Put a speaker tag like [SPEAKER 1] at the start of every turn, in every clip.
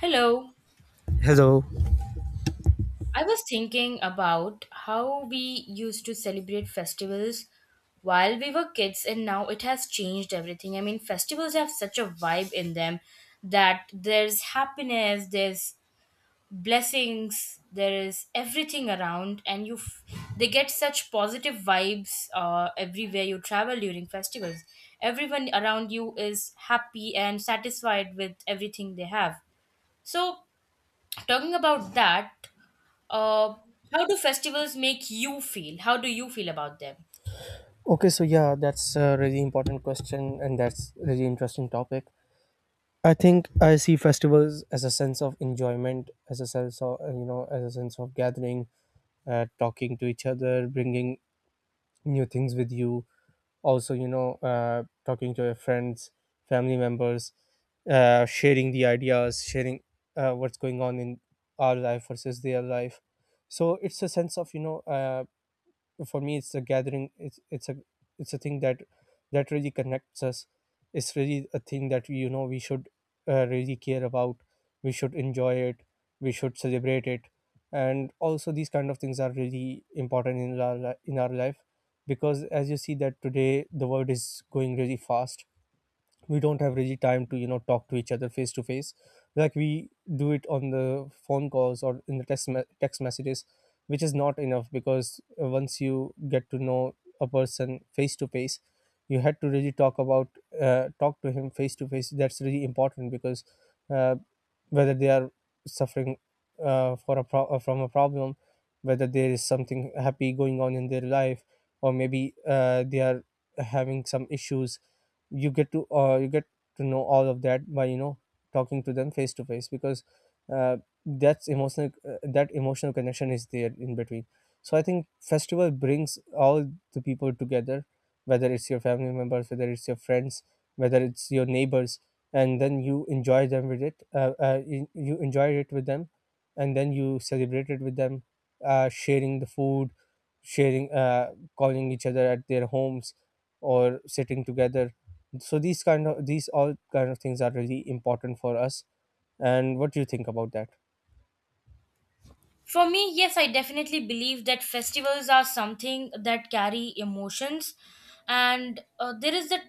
[SPEAKER 1] Hello.
[SPEAKER 2] Hello.
[SPEAKER 1] I was thinking about how we used to celebrate festivals while we were kids, and now it has changed everything. I mean, festivals have such a vibe in them that there's happiness, there's blessings, there is everything around, and they get such positive vibes everywhere you travel during festivals. Everyone around you is happy and satisfied with everything they have. So, talking about that Uh, how do festivals make you feel? How do you feel about them?
[SPEAKER 2] Okay, so yeah, that's a really important question and that's really interesting topic. I think I see festivals as a sense of enjoyment, as a sense of as a sense of gathering, talking to each other, bringing new things with you. Also, talking to your friends, family members, sharing the ideas, sharing what's going on in our life versus their life. So it's a sense of, for me, it's a gathering it's a thing that really connects us. It's really a thing that we should really care about. We should enjoy it, we should celebrate it, and also these kind of things are really important in our in our life because as you see that today the world is going really fast. We don't have really time to talk to each other face to face, like we do it on the phone calls or in the text messages, which is not enough because once you get to know a person face to face, you had to really talk to him face to face. That's really important because uh, whether they are suffering, from a problem, whether there is something happy going on in their life, or maybe they are having some issues. You get to you get to know all of that by talking to them face to face because uh, that emotional connection is there in between. So I think festival brings all the people together, whether it's your family members, whether it's your friends, whether it's your neighbors, and then you enjoy them with it you, you enjoy it with them, and then you celebrate it with them, sharing the food, sharing, calling each other at their homes or sitting together. So these all kind of things are really important for us. And what do you think about that?
[SPEAKER 1] For me, yes, I definitely believe that festivals are something that carry emotions, and there is the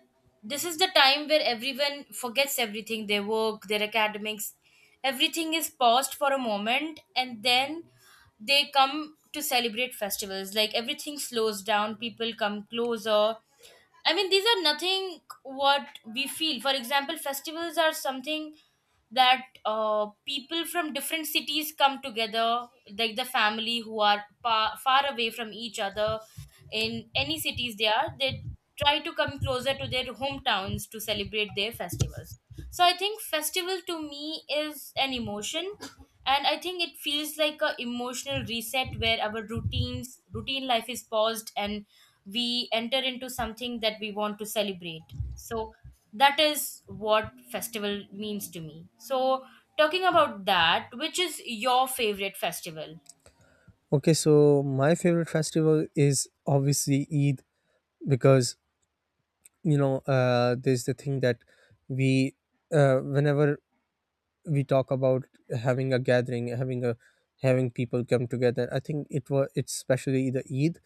[SPEAKER 1] this is the time where everyone forgets everything, their work, their academics, everything is paused for a moment, and then they come to celebrate festivals. Like everything slows down, people come closer. I mean, these are nothing what we feel. For example, festivals are something that people from different cities come together, like the family who are far away from each other, in any cities they try to come closer to their hometowns to celebrate their festivals. So I think festival to me is an emotion, and I think it feels like a emotional reset where our routine life is paused and we enter into something that we want to celebrate. So that is what festival means to me. So talking about that, which is your favorite festival?
[SPEAKER 2] Okay, so my favorite festival is obviously Eid because there's the thing that we whenever we talk about having a gathering, having people come together. I think it's especially the Eid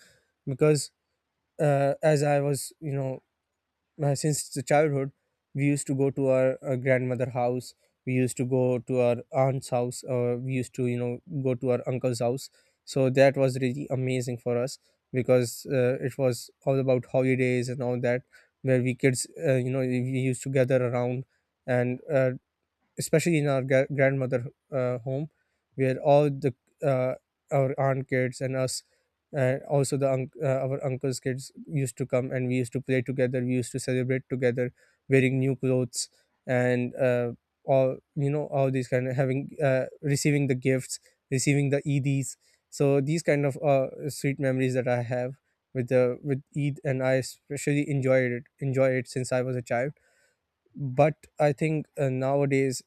[SPEAKER 2] because as I was you know since the childhood, we used to go to our, grandmother house, we used to go to our aunt's house, we used to go to our uncle's house. So that was really amazing for us because it was all about holidays and all that, where we kids, we used to gather around, and especially in our grandmother home, where all the uh, our aunt kids and us, and also the unc our uncle's kids used to come, and we used to play together, we used to celebrate together, wearing new clothes, and all you know all these kind of, having receiving the gifts, receiving the eds. So these kind of sweet memories that I have with Eid. And I especially enjoyed it, enjoy it since I was a child. But I think nowadays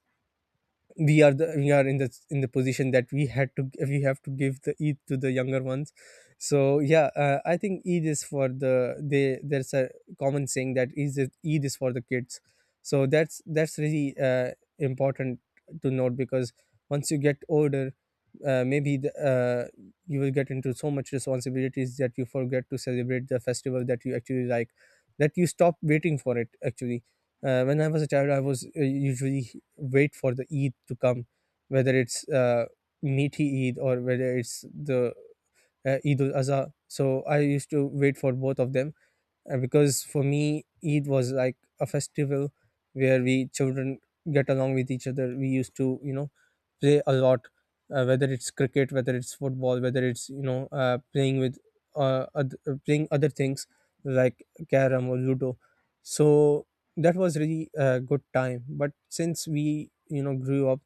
[SPEAKER 2] we are in the position that we have to give the Eid to the younger ones. So yeah, I think Eid is for the, they, there's a common saying that is Eid is for the kids. So that's really important to note because once you get older, uh, maybe the, uh, you will get into so much responsibilities that you forget to celebrate the festival that you actually like, that you stop waiting for it actually. When I was a child, I was, usually wait for the Eid to come, whether it's Meaty Eid or whether it's the Eid ul Azha. So I used to wait for both of them because for me, Eid was like a festival where we children get along with each other. We used to, you know, play a lot, whether it's cricket, whether it's football, whether it's, playing other things like carom or ludo. So that was really a good time. But since we grew up,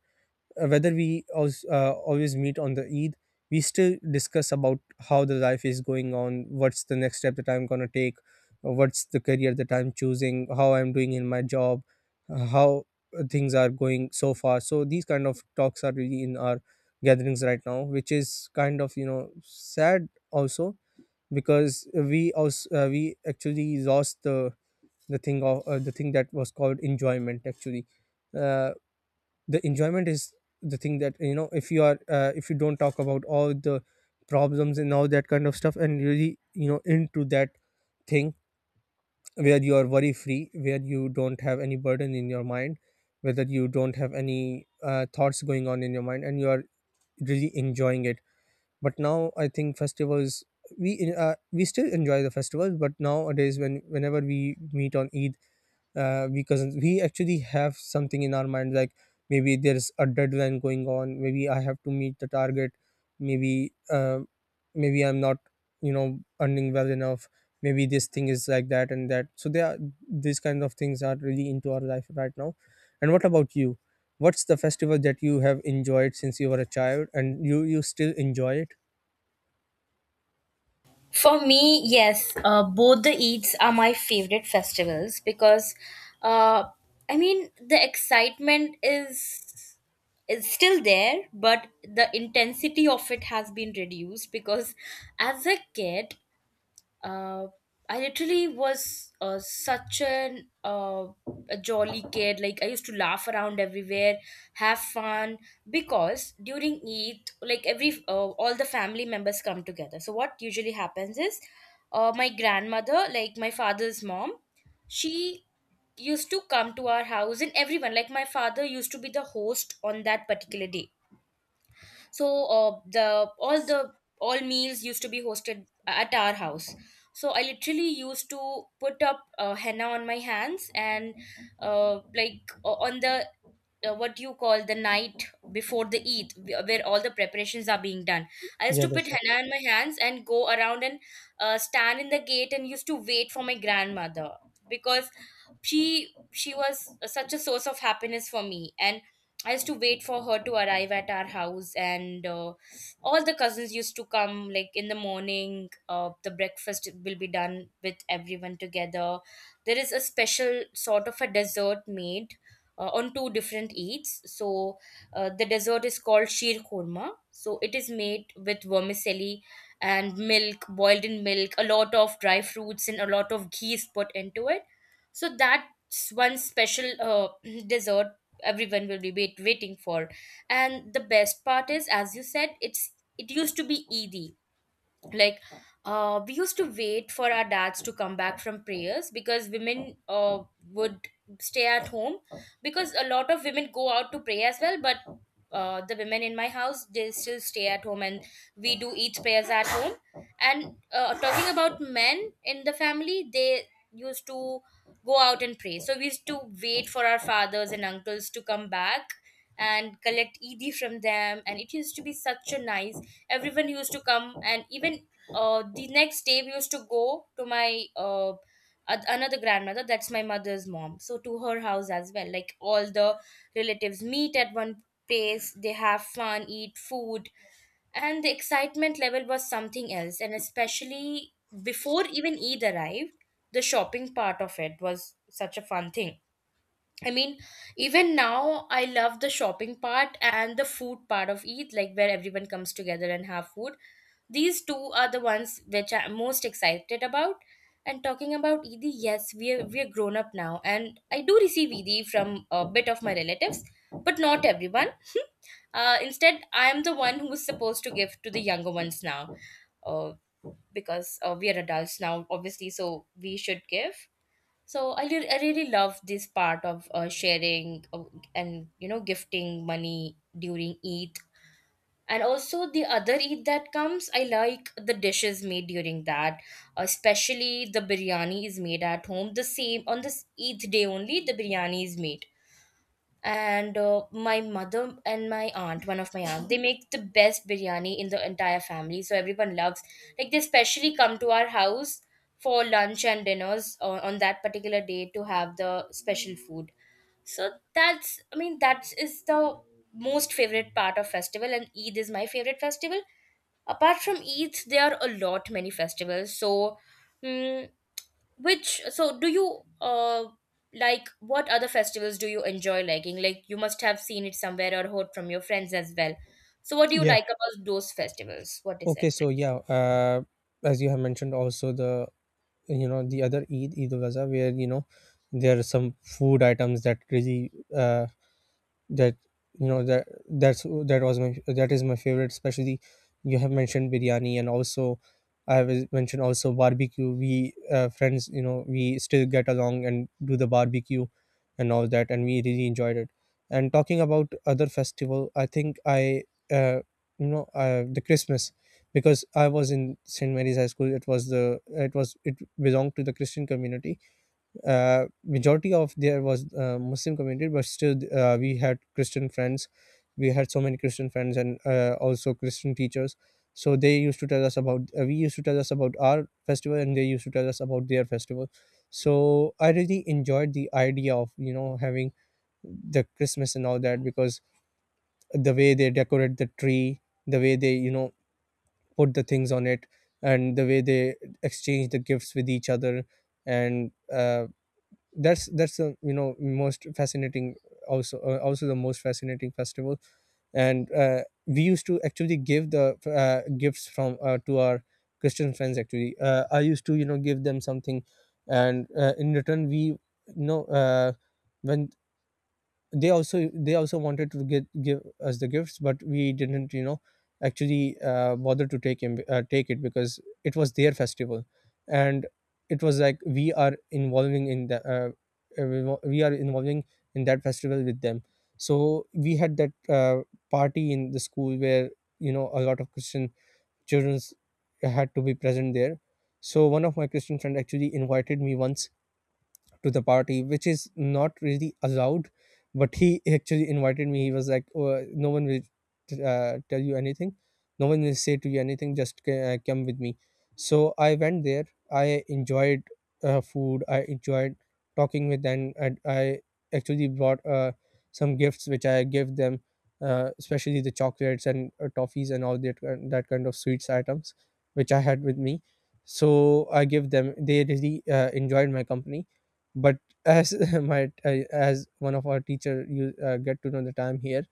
[SPEAKER 2] whether we always meet on the Eid, we still discuss about how the life is going on, what's the next step that I'm gonna take, what's the career that I'm choosing, how I'm doing in my job, how things are going so far. So these kind of talks are really in our gatherings right now, which is kind of sad also, because we actually lost the thing of the thing that was called enjoyment actually. uh, the enjoyment is the thing that, if you don't talk about all the problems and all that kind of stuff and really, into that thing where you are worry free, where you don't have any burden in your mind, whether you don't have any thoughts going on in your mind, and you are really enjoying it. But now I think festivals, we still enjoy the festivals, but nowadays whenever we meet on Eid, because we actually have something in our mind, like maybe there's a deadline going on, maybe I have to meet the target, maybe uh, maybe I'm not, earning well enough, maybe this thing is like that and that, so there are these kind of things are really into our life right now. And what about you? What's the festival that you have enjoyed since you were a child and you still enjoy it?
[SPEAKER 1] For me, yes, both the Eids are my favorite festivals because, uh, I mean, the excitement is still there, but the intensity of it has been reduced because, as a kid, uh, I literally was such an a jolly kid. Like I used to laugh around everywhere, have fun because during Eid, like every all the family members come together. So what usually happens is, my grandmother, like my father's mom, she used to come to our house, and everyone, like my father, used to be the host on that particular day. So the all meals used to be hosted at our house. So I literally used to put up henna on my hands, and like on the what you call the night before the Eid, where all the preparations are being done. I used
[SPEAKER 2] Yeah,
[SPEAKER 1] to put
[SPEAKER 2] that's all.
[SPEAKER 1] henna on my hands and go around, and stand in the gate and used to wait for my grandmother because she was such a source of happiness for me, and I used to wait for her to arrive at our house. And all the cousins used to come like in the morning. The breakfast will be done with everyone together. There is a special sort of a dessert made on two different eats. So the dessert is called sheer korma, so it is made with vermicelli and milk, boiled in milk, a lot of dry fruits and a lot of ghee is put into it. So that's one special dessert everyone will be waiting for. And the best part is, as you said, it's it used to be Eid. Like we used to wait for our dads to come back from prayers because women would stay at home, because a lot of women go out to pray as well, but the women in my house, they still stay at home and we do each prayers at home. And talking about men in the family, they used to go out and pray. So we used to wait for our fathers and uncles to come back and collect Eid from them, and it used to be such a nice, everyone used to come. And even the next day we used to go to my another grandmother, that's my mother's mom, so to her house as well, like all the relatives meet at one place, they have fun, eat food. And the excitement level was something else, and especially before even Eid arrived, the shopping part of it was such a fun thing. I mean, even now I love the shopping part and the food part of Eid, like where everyone comes together and have food. These two are the ones which I'm most excited about. And talking about ED, yes, we are grown up now, and I do receive ED from a bit of my relatives, but not everyone. Instead, I am the one who is supposed to give to the younger ones now, uh, because we are adults now, obviously, so we should give. So I really love this part of sharing and you know gifting money during Eid. And also the other Eid that comes, I like the dishes made during that, especially the biryani is made at home. The same on this Eid day, only the biryani is made. And my mother and my aunt, one of my aunt, they make the best biryani in the entire family, so everyone loves, like they specially come to our house for lunch and dinners on that particular day to have the special food. So that's, I mean, that is the most favorite part of festival, and Eid is my favorite festival. Apart from Eid, there are a lot many festivals. So mm, which, so do you like, what other festivals do you enjoy liking, like you must have seen it somewhere or heard from your friends as well. So what do you
[SPEAKER 2] Yeah,
[SPEAKER 1] like about those festivals, what is it?
[SPEAKER 2] okay, so yeah, as you have mentioned also the the other Eid, Eid ul Adha, where there are some food items that really that that is my favorite, especially. You have mentioned biryani, and also I have mentioned also barbecue. We uh, friends you know we still get along and do the barbecue and all that, and we really enjoyed it. And talking about other festival, I think I uh, you know the Christmas, because I was in St. Mary's High School. It was the it was it belonged to the Christian community. Majority of there was Muslim community, but still we had Christian friends. We had so many Christian friends, and also Christian teachers. So they used to tell us about we used to tell us about our festival, and they used to tell us about their festival. So I really enjoyed the idea of having the Christmas and all that, because the way they decorate the tree, the way they put the things on it, and the way they exchange the gifts with each other. And that's the most fascinating, also also the most fascinating festival. And we used to actually give the gifts from to our Christian friends. Actually I used to give them something. And in return, we you know when they also wanted to get give us the gifts, but we didn't, you know actually bother to take it because it was their festival. And it was like we are involving in that festival with them. So we had that party in the school, where a lot of Christian children had to be present there. So one of my Christian friend actually invited me once to the party, which is not really allowed. But he actually invited me. He was like, "Oh, no one will tell you anything. No one will say to you anything. Just come with me." So I went there. I enjoyed food. I enjoyed talking with them, and I actually brought some gifts which I gave them, especially the chocolates and toffees and all that that kind of sweets items, which I had with me. So I gave them. They really enjoyed my company, but as my as one of our teacher, you get to know the time here.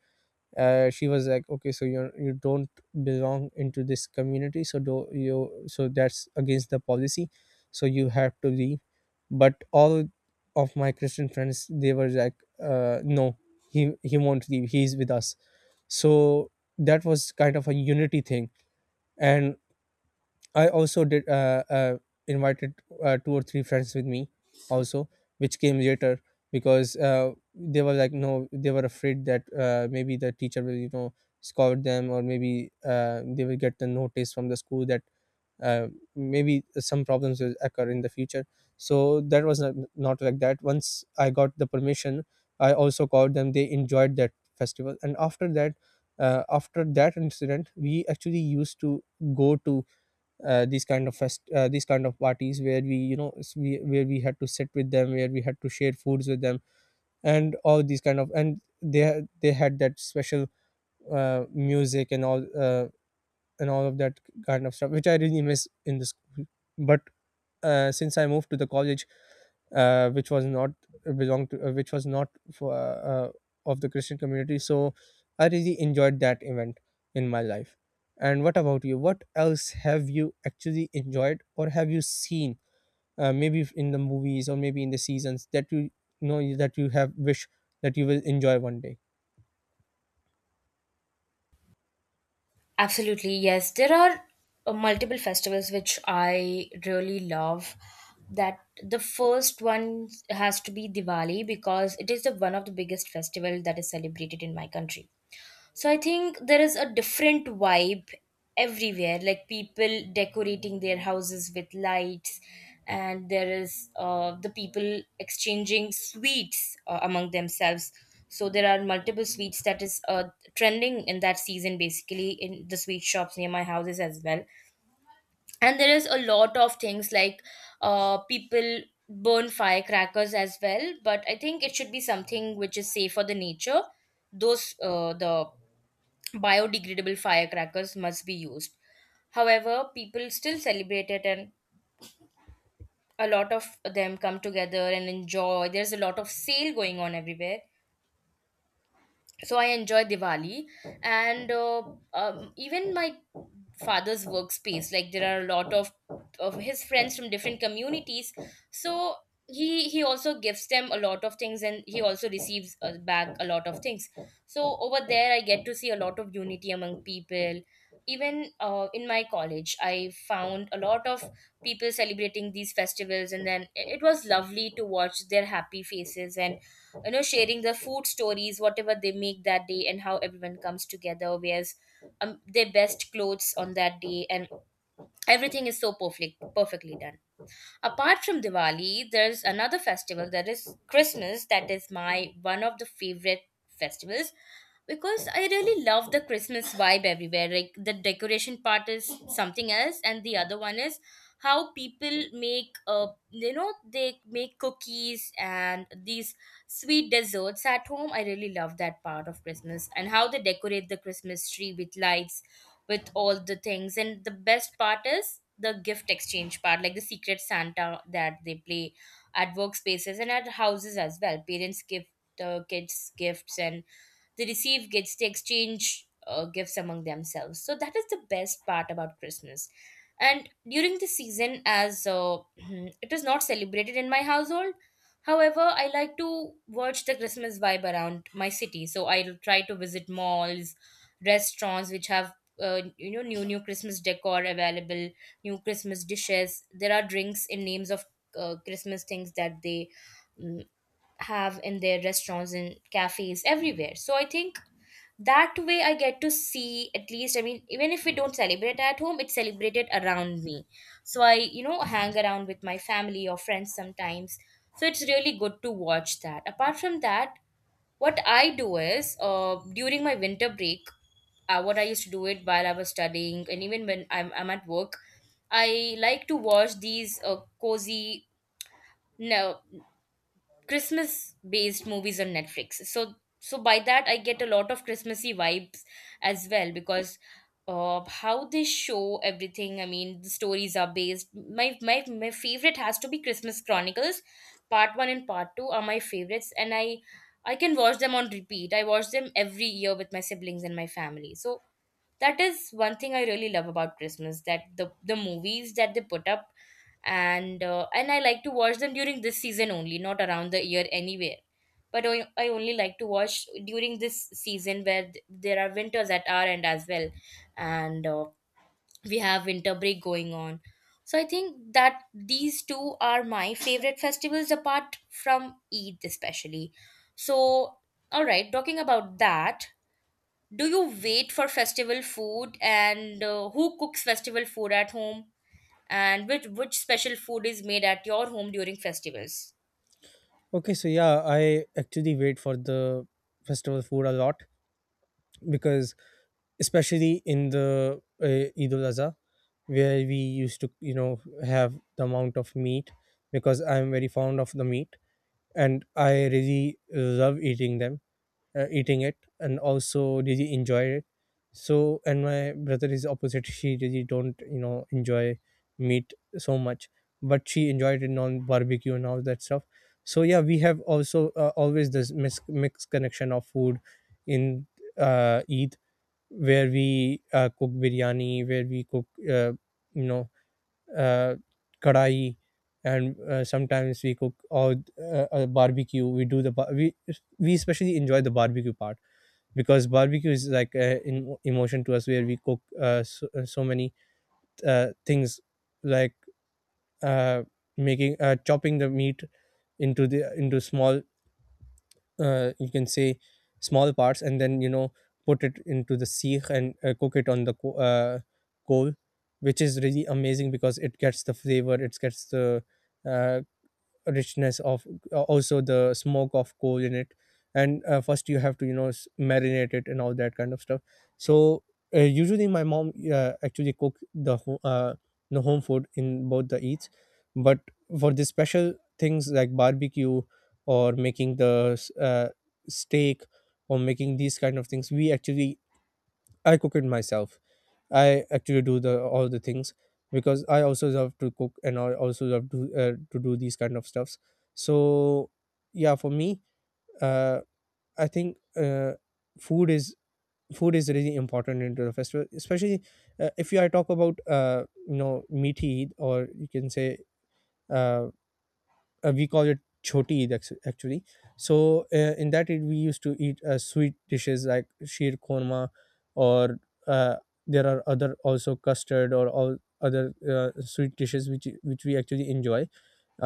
[SPEAKER 2] She was like, okay, so you don't belong into this community, so do you so that's against the policy, so you have to leave. But all of my Christian friends, they were like, no, he won't leave, he's with us. So that was kind of a unity thing. And I also did invited two or three friends with me also, which came later, because they were like no, they were afraid that maybe the teacher will, you know, scold them, or maybe they will get the notice from the school that uh, maybe some problems will occur in the future. So that was not like that. Once I got the permission, I also called them. They enjoyed that festival, and after that incident, we actually used to go to these kind of these kind of parties where we, you know, we, where we had to sit with them, where we had to share foods with them and all these kind of, and they they had that special music and all of that kind of stuff, which I really miss in the school. But since I moved to the college, which was not belong to, which was not for, of the Christian community. So I really enjoyed that event in my life. And what about you? What else have you actually enjoyed or have you seen? Maybe in the movies or maybe in the seasons that you have wish that you will enjoy one day.
[SPEAKER 1] Absolutely, yes. There are multiple festivals which I really love. That the first one has to be Diwali because it is the one of the biggest festival that is celebrated in my country. So I think there is a different vibe everywhere, like people decorating their houses with lights, and there is the people exchanging sweets among themselves. So there are multiple sweets that is trending in that season, basically in the sweet shops near my houses as well. And there is a lot of things like people burn firecrackers as well, but I think it should be something which is safe for the nature. Those the biodegradable firecrackers must be used. However, people still celebrate it, and a lot of them come together and enjoy. There's a lot of sale going on everywhere, so I enjoy Diwali. And even my father's workspace, like there are a lot of his friends from different communities. So he also gives them a lot of things, and he also receives back a lot of things. So over there I get to see a lot of unity among people. Even in my college I found a lot of people celebrating these festivals, and then it was lovely to watch their happy faces, and you know, sharing the food stories, whatever they make that day, and how everyone comes together, wears their best clothes on that day, and everything is so perfectly done. Apart from Diwali, there's another festival that is Christmas, that is my one of the favorite festivals because I really love the Christmas vibe everywhere. Like the decoration part is something else, and the other one is how people make, you know, they make cookies and these sweet desserts at home. I really love that part of Christmas, and how they decorate the Christmas tree with lights, with all the things. And the best part is the gift exchange part, like the secret Santa that they play at workspaces and at houses as well. Parents give the kids gifts, and they receive gifts, they exchange gifts among themselves. So that is the best part about Christmas. And during the season, as it is not celebrated in my household, however, I like to watch the Christmas vibe around my city. So I'll try to visit malls, restaurants which have you know, new Christmas decor available, new Christmas dishes. There are drinks in names of Christmas things that they mm, have in their restaurants and cafes everywhere. So I think that way I get to see, at least, I mean, even if we don't celebrate at home, it's celebrated around me. So I, you know, hang around with my family or friends sometimes, so it's really good to watch that. Apart from that, what I do is, during my winter break, what I used to do it while I was studying, and even when I'm at work, I like to watch these cozy no Christmas based movies on Netflix. So by that I get a lot of Christmassy vibes as well, because how they show everything. I mean, the stories are based. My favorite has to be Christmas Chronicles. Part one and part two are my favorites, and I can watch them on repeat. I watch them every year with my siblings and my family. So that is one thing I really love about Christmas, that the movies that they put up. And I like to watch them during this season only, not around the year anywhere, but I only like to watch during this season where there are winters at our end as well. And We have winter break going on. So I think that these two are my favorite festivals apart from Eid, especially. So all right, talking about that, do you wait for festival food? And who cooks festival food at home, and which special food is made at your home during festivals?
[SPEAKER 2] Okay, so yeah, I actually wait for the festival food a lot, because especially in the Eid ul Adha, where we used to, you know, have the amount of meat, because I'm very fond of the meat and I really love eating them, eating it, and also really enjoy it. So, and my brother is opposite. She really don't, you know, enjoy meat so much, but she enjoyed it on barbecue and all that stuff. So yeah, we have also always this mixed connection of food in Eid, where we cook biryani, where we cook, you know, uh, kadai, and sometimes we cook or a barbecue. We do the we especially enjoy the barbecue part, because barbecue is like in emotion to us, where we cook so many things, like uh, making, chopping the meat into the into small, you can say, small parts, and then, you know, put it into the seekh and cook it on the coal, which is really amazing, because it gets the flavor, it gets the uh, richness of, also the smoke of coal in it. And first you have to, you know, marinate it and all that kind of stuff. So usually my mom actually cook the the home food in both the eats. But for the special things like barbecue or making the steak or making these kind of things, we actually, I cook it myself. I actually do the all the things, because I also love to cook and I also love to do these kind of stuffs. So yeah, for me, uh, I think food is, food is really important into the festival, especially if you, I talk about, you know, meaty, or you can say, uh, we call it choti eid, actually. So in that eid we used to eat sweet dishes like sheer korma, or uh, there are other also custard or all other sweet dishes, which we actually enjoy.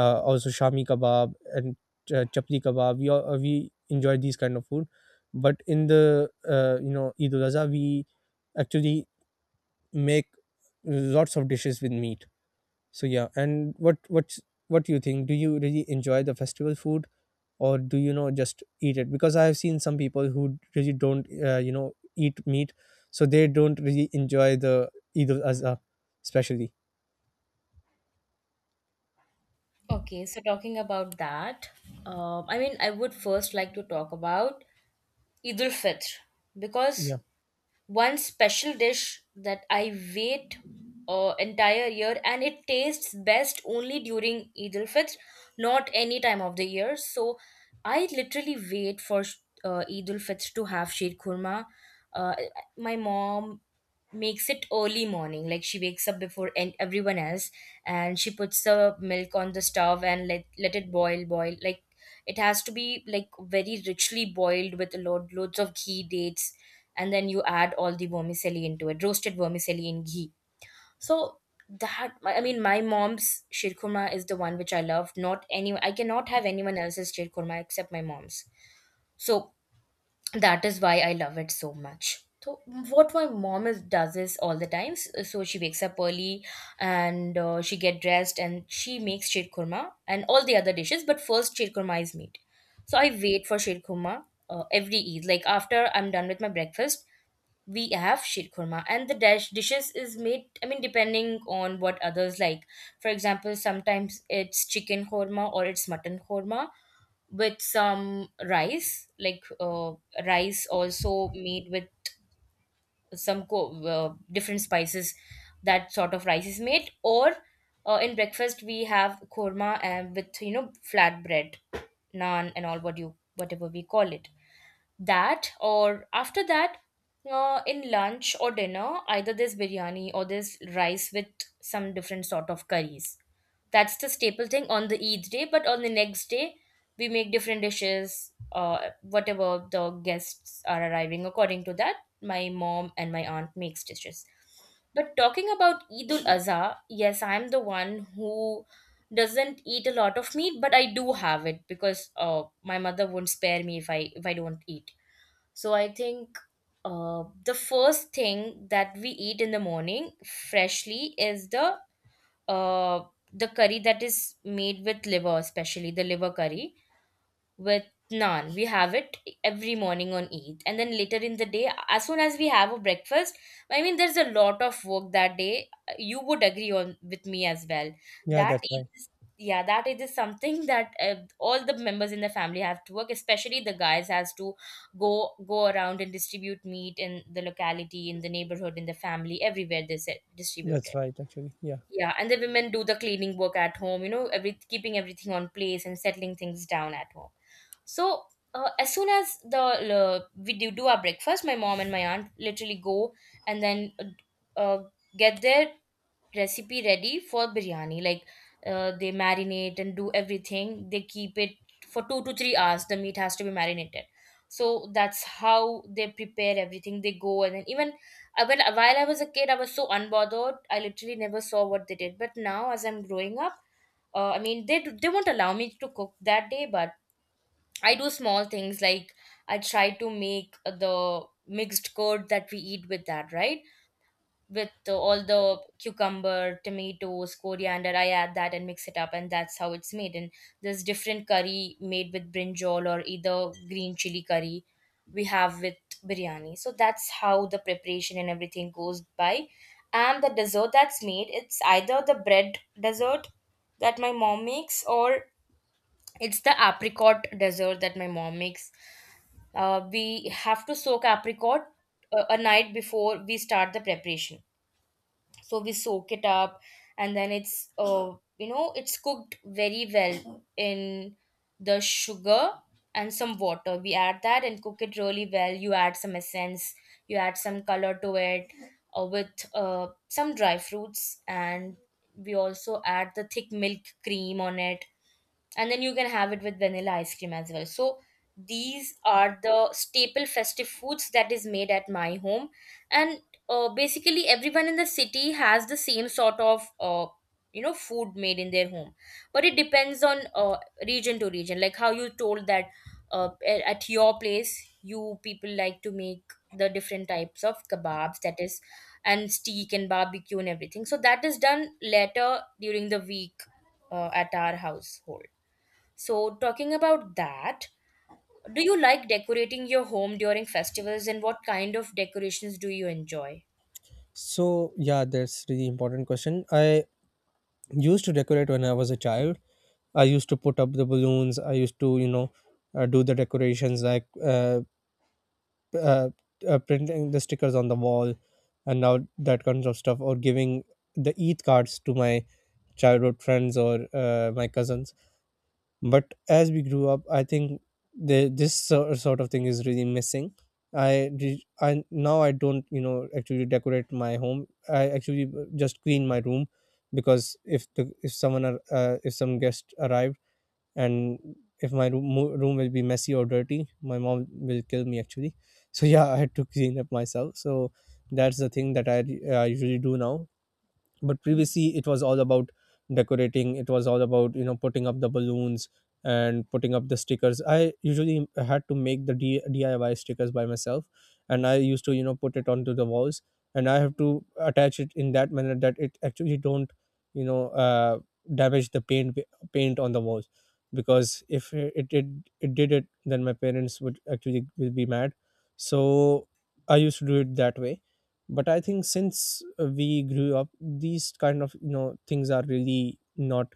[SPEAKER 2] Also shami kebab and chapli kebab, we all, we enjoy these kind of food. But in the, you know, eid ul adha, we actually make lots of dishes with meat. So yeah, and what's what do you think? Do you really enjoy the festival food, or do you know just eat it? Because I have seen some people who really don't, you know, eat meat, so they don't really enjoy the Eid al Azha, especially.
[SPEAKER 1] Okay, so talking about that, I mean, I would first like to talk about Eid ul Fitr, because
[SPEAKER 2] Yeah,
[SPEAKER 1] one special dish that I wait entire year, and it tastes best only during Eid al Fitr, not any time of the year. So I literally wait for Eid al Fitr to have sheer kurma. Uh, my mom makes it early morning, like she wakes up before and everyone else, and she puts the milk on the stove and let it boil like it has to be like very richly boiled with a lot loads of ghee, dates, and then you add all the vermicelli into it, roasted vermicelli in ghee. So that, I mean, my mom's shirkurma is the one which I love. Not any, I cannot have anyone else's shirkurma except my mom's. So that is why I love it so much. So what my mom does is all the times. So she wakes up early, and she get dressed, and she makes shirkurma and all the other dishes. But first shirkurma is made. So I wait for shirkurma every Eid. Like after I'm done with my breakfast, we have sheer kurma, and the dash dishes is made, I mean, depending on what others like. For example, sometimes it's chicken korma or it's mutton korma with some rice, like rice also made with different spices. That sort of rice is made. Or in breakfast we have korma and with, you know, flat bread, naan, and all what you whatever we call it. That, or after that, in lunch or dinner either this biryani or this rice with some different sort of curries. That's the staple thing on the Eid day, but on the next day we make different dishes, whatever the guests are arriving, according to that my mom and my aunt makes dishes. But talking about Eid ul Azha, yes, I'm the one who doesn't eat a lot of meat, but I do have it because my mother won't spare me if I don't eat. So I think the first thing that we eat in the morning freshly is uh, the curry that is made with liver, especially the liver curry with naan. We have it every morning on Eid. And then later in the day, as soon as we have a breakfast, I mean, there's a lot of work that day. You would agree on with me as well.
[SPEAKER 2] yeah,
[SPEAKER 1] That
[SPEAKER 2] that's
[SPEAKER 1] Eid
[SPEAKER 2] right.
[SPEAKER 1] is, yeah, that Eid is something that all the members in the family have to work, especially the guys has to go around and distribute meat in the locality, in the neighborhood, in the family, everywhere they said distribute
[SPEAKER 2] That's
[SPEAKER 1] it.
[SPEAKER 2] right, actually. Yeah.
[SPEAKER 1] Yeah, and the women do the cleaning work at home, you know, every keeping everything on place and settling things down at home. So as soon as the we do our breakfast, my mom and my aunt literally go and then uh, uh, get there recipe ready for biryani. Like they marinate and do everything. They keep it for 2 to 3 hours. The meat has to be marinated. So that's how they prepare everything. They go and then even when while I was a kid, I was so unbothered. I literally never saw what they did. But now, as I'm growing up, I mean, they won't allow me to cook that day, but I do small things, like I try to make the mixed curd that we eat with that, right? With the, all the cucumber, tomatoes, coriander. I add that and mix it up, and that's how it's made. And there's different curry made with brinjal or either green chili curry we have with biryani. So that's how the preparation and everything goes by. And the dessert that's made, it's either the bread dessert that my mom makes, or it's the apricot dessert that my mom makes. We have to soak apricot a night before we start the preparation, so we soak it up, and then it's you know, it's cooked very well in the sugar and some water. We add that and cook it really well. You add some essence, you add some color to it with some dry fruits, and we also add the thick milk cream on it, and then you can have it with vanilla ice cream as well. So these are the staple festive foods that is made at my home. And basically everyone in the city has the same sort of you know, food made in their home, but it depends on region to region, like how you told that at your place you people like to make the different types of kebabs, that is, and steak and barbecue and everything. So that is done later during the week at our household. So, talking about that, do you like decorating your home during festivals, and what kind of decorations do you enjoy?
[SPEAKER 2] So yeah, that's really important question. I used to decorate when I was a child. I used to put up the balloons. I used to, you know, do the decorations like uh, printing the stickers on the wall and now that kinds of stuff, or giving the ETH cards to my childhood friends or my cousins. But as we grew up, I think this sort of thing is really missing. I, re- I now I don't, you know, actually decorate my home. I actually just clean my room, because if the, if someone if some guest arrived, and if my room will be messy or dirty, my mom will kill me actually. So yeah, I had to clean up myself. So that's the thing that I usually do now. But previously, it was all about decorating, it was all about, you know, putting up the balloons and putting up the stickers. I usually had to make the DIY stickers by myself and I used to, you know, put it onto the walls, and I have to attach it in that manner, that it actually don't, you know, damage the paint on the walls. Because if it did it, then my parents would actually will be mad. So I used to do it that way. But I think since we grew up, these kind of, you know, things are really not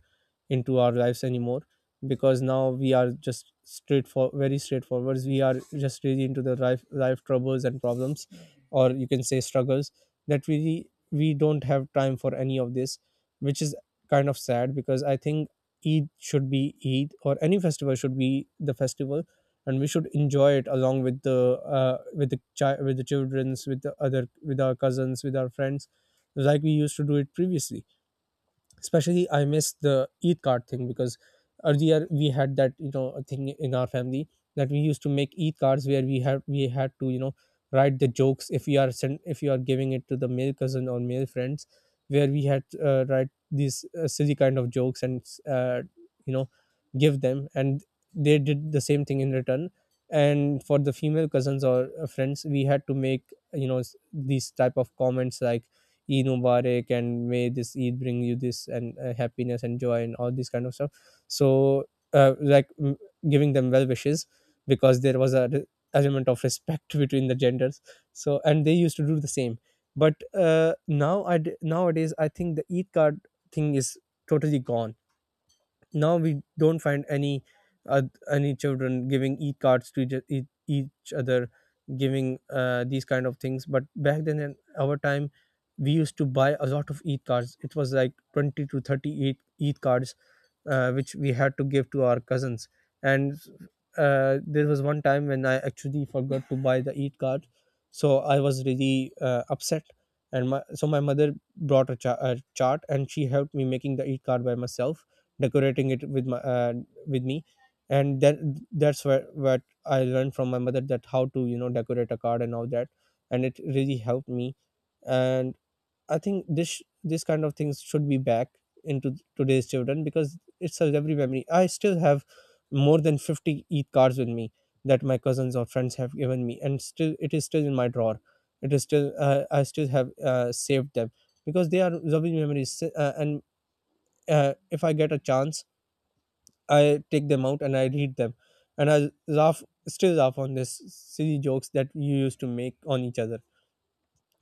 [SPEAKER 2] into our lives anymore, because now we are just straight for very straightforward, we are just really into the life troubles and problems, or you can say struggles, that we we don't have time for any of this, which is kind of sad, because I think eid should be, eid or any festival should be the festival, and we should enjoy it along with the with the with the childrens, with the other, with our cousins, with our friends, like we used to do it previously. Especially I miss the eid card thing, because earlier we had that, you know, thing in our family, that we used to make eid cards, where we had, we had to, you know, write the jokes. If you are giving it to the male cousin or male friends, where we had to, write these silly kind of jokes and, you know give them, and they did the same thing in return. And for the female cousins or friends, we had to make, you know, these type of comments like, Eid Mubarak, and may this Eid bring you this and happiness and joy and all these kind of stuff. So like, giving them well wishes, because there was a element of respect between the genders. So, and they used to do the same. But now nowadays I think the Eid card thing is totally gone. Now we don't find uh, any children giving e cards to each other, giving these kind of things. But back then in our time, we used to buy a lot of e cards, it was like 20 to 30 e cards which we had to give to our cousins. And there was one time when I actually forgot to buy the eat card, so I was really upset, and my mother brought a, a chart, and she helped me making the eat card by myself, decorating it with my with me. And that's where what I learned from my mother, that how to, you know, decorate a card and all that. And it really helped me. And I think this, this kind of things should be back into today's children, because it's a every memory. I still have more than 50 eid cards with me that my cousins or friends have given me, and still it is still in my drawer. It is still I still have saved them, because they are lovely memories. And if I get a chance, I take them out and I read them, and I laugh, still laugh on this silly jokes that you used to make on each other.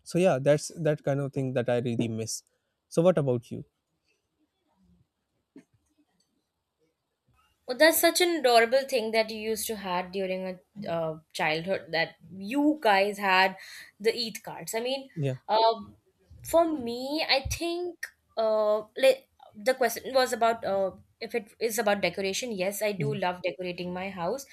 [SPEAKER 2] So yeah, that's that kind of thing that I really miss. So what about you?
[SPEAKER 1] Well, that's such an adorable thing that you used to had during a childhood that you guys had, the Eid cards. I mean,
[SPEAKER 2] Yeah,
[SPEAKER 1] um, for me, I think uh, like, the question was about if it is about decoration. Yes, I
[SPEAKER 2] yeah,
[SPEAKER 1] do love decorating my house.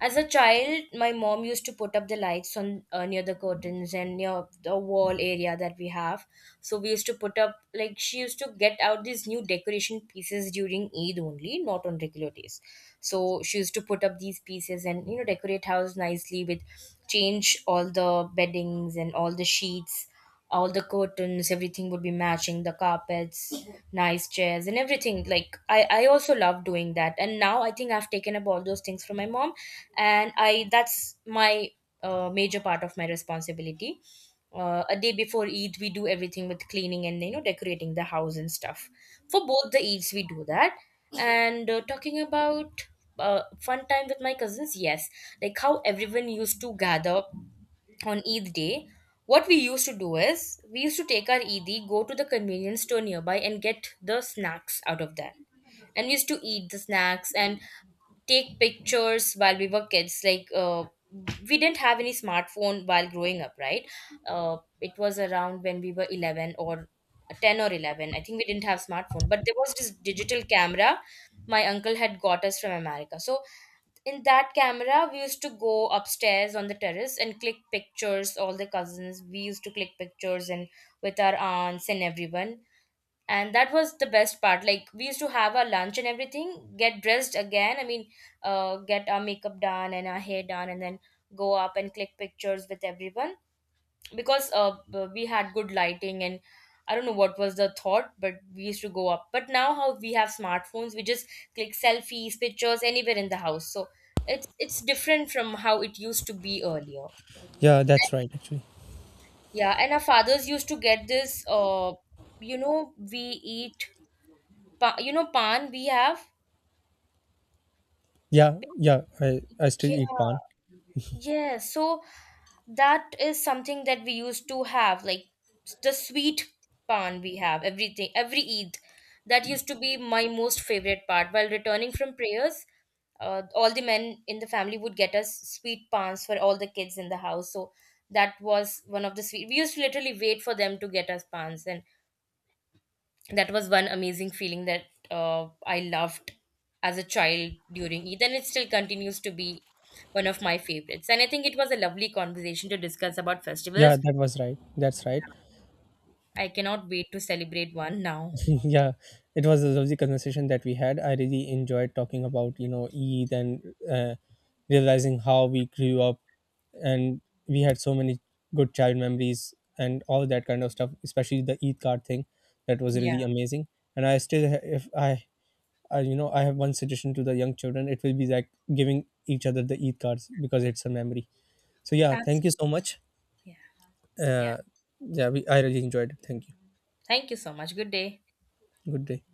[SPEAKER 1] As a child, my mom used to put up the lights on near the curtains and near the wall area that we have. So we used to put up, like, she used to get out these new decoration pieces during Eid only, not on regular days. So she used to put up these pieces and, you know, decorate house nicely with, change all the beddings and all the sheets, all the curtains. Everything would be matching, the carpets, nice chairs and everything. Like, I also love doing that. And now I think I've taken up all those things from my mom, and I that's my major part of my responsibility. A day before Eid we do everything with cleaning and, you know, decorating the house and stuff. For both the Eids we do that. And talking about fun time with my cousins, yes, like how everyone used to gather on Eid day, what we used to do is we used to take our Eid, go to the convenience store nearby, and get the snacks out of that. And we used to eat the snacks and take pictures while we were kids. Like we didn't have any smartphone while growing up, right? It was around when we were 11 or 10 or 11, I think. We didn't have smartphone, but there was this digital camera my uncle had got us from America. So in that camera we used to go upstairs on the terrace and click pictures. All the cousins, we used to click pictures and with our aunts and everyone. And that was the best part, like we used to have our lunch and everything, get dressed again, I mean, get our makeup done and our hair done, and then go up and click pictures with everyone. Because we had good lighting, and I don't know what was the thought, but we used to go up. But now how we have smartphones, we just click selfies, pictures, anywhere in the house. So it's different from how it used to be earlier.
[SPEAKER 2] yeah, that's right. Actually,
[SPEAKER 1] Yeah, and our fathers used to get this, uh, you know, we eat, you know, pan we have.
[SPEAKER 2] yeah, yeah, I still
[SPEAKER 1] Yeah,
[SPEAKER 2] eat pan.
[SPEAKER 1] yeah. So that is something that we used to have, like the sweet pan, we have everything every Eid. That used to be my most favorite part. While returning from prayers, all the men in the family would get us sweet pans for all the kids in the house. So that was one of the sweet. We used to literally wait for them to get us pans, and that was one amazing feeling that I loved as a child during Eid, and it still continues to be one of my favorites. And I think it was a lovely conversation to discuss about
[SPEAKER 2] Yeah,
[SPEAKER 1] festivals.
[SPEAKER 2] that was right. That's right.
[SPEAKER 1] I cannot wait to celebrate one now.
[SPEAKER 2] Yeah, it was a lovely conversation that we had. I really enjoyed talking about, you know, eid and, realizing how we grew up, and we had so many good child memories and all that kind of stuff, especially the eid card thing. That was
[SPEAKER 1] Yeah,
[SPEAKER 2] really amazing. And I still ha- if I I, you know, I have one suggestion to the young children. It will be like giving each other the Eid cards, because it's a memory. So yeah, thank you
[SPEAKER 1] absolutely.
[SPEAKER 2] so much.
[SPEAKER 1] Yeah, yeah.
[SPEAKER 2] Uh, yeah, I really enjoyed it. Thank you.
[SPEAKER 1] Thank you so much. Good day.
[SPEAKER 2] Good day.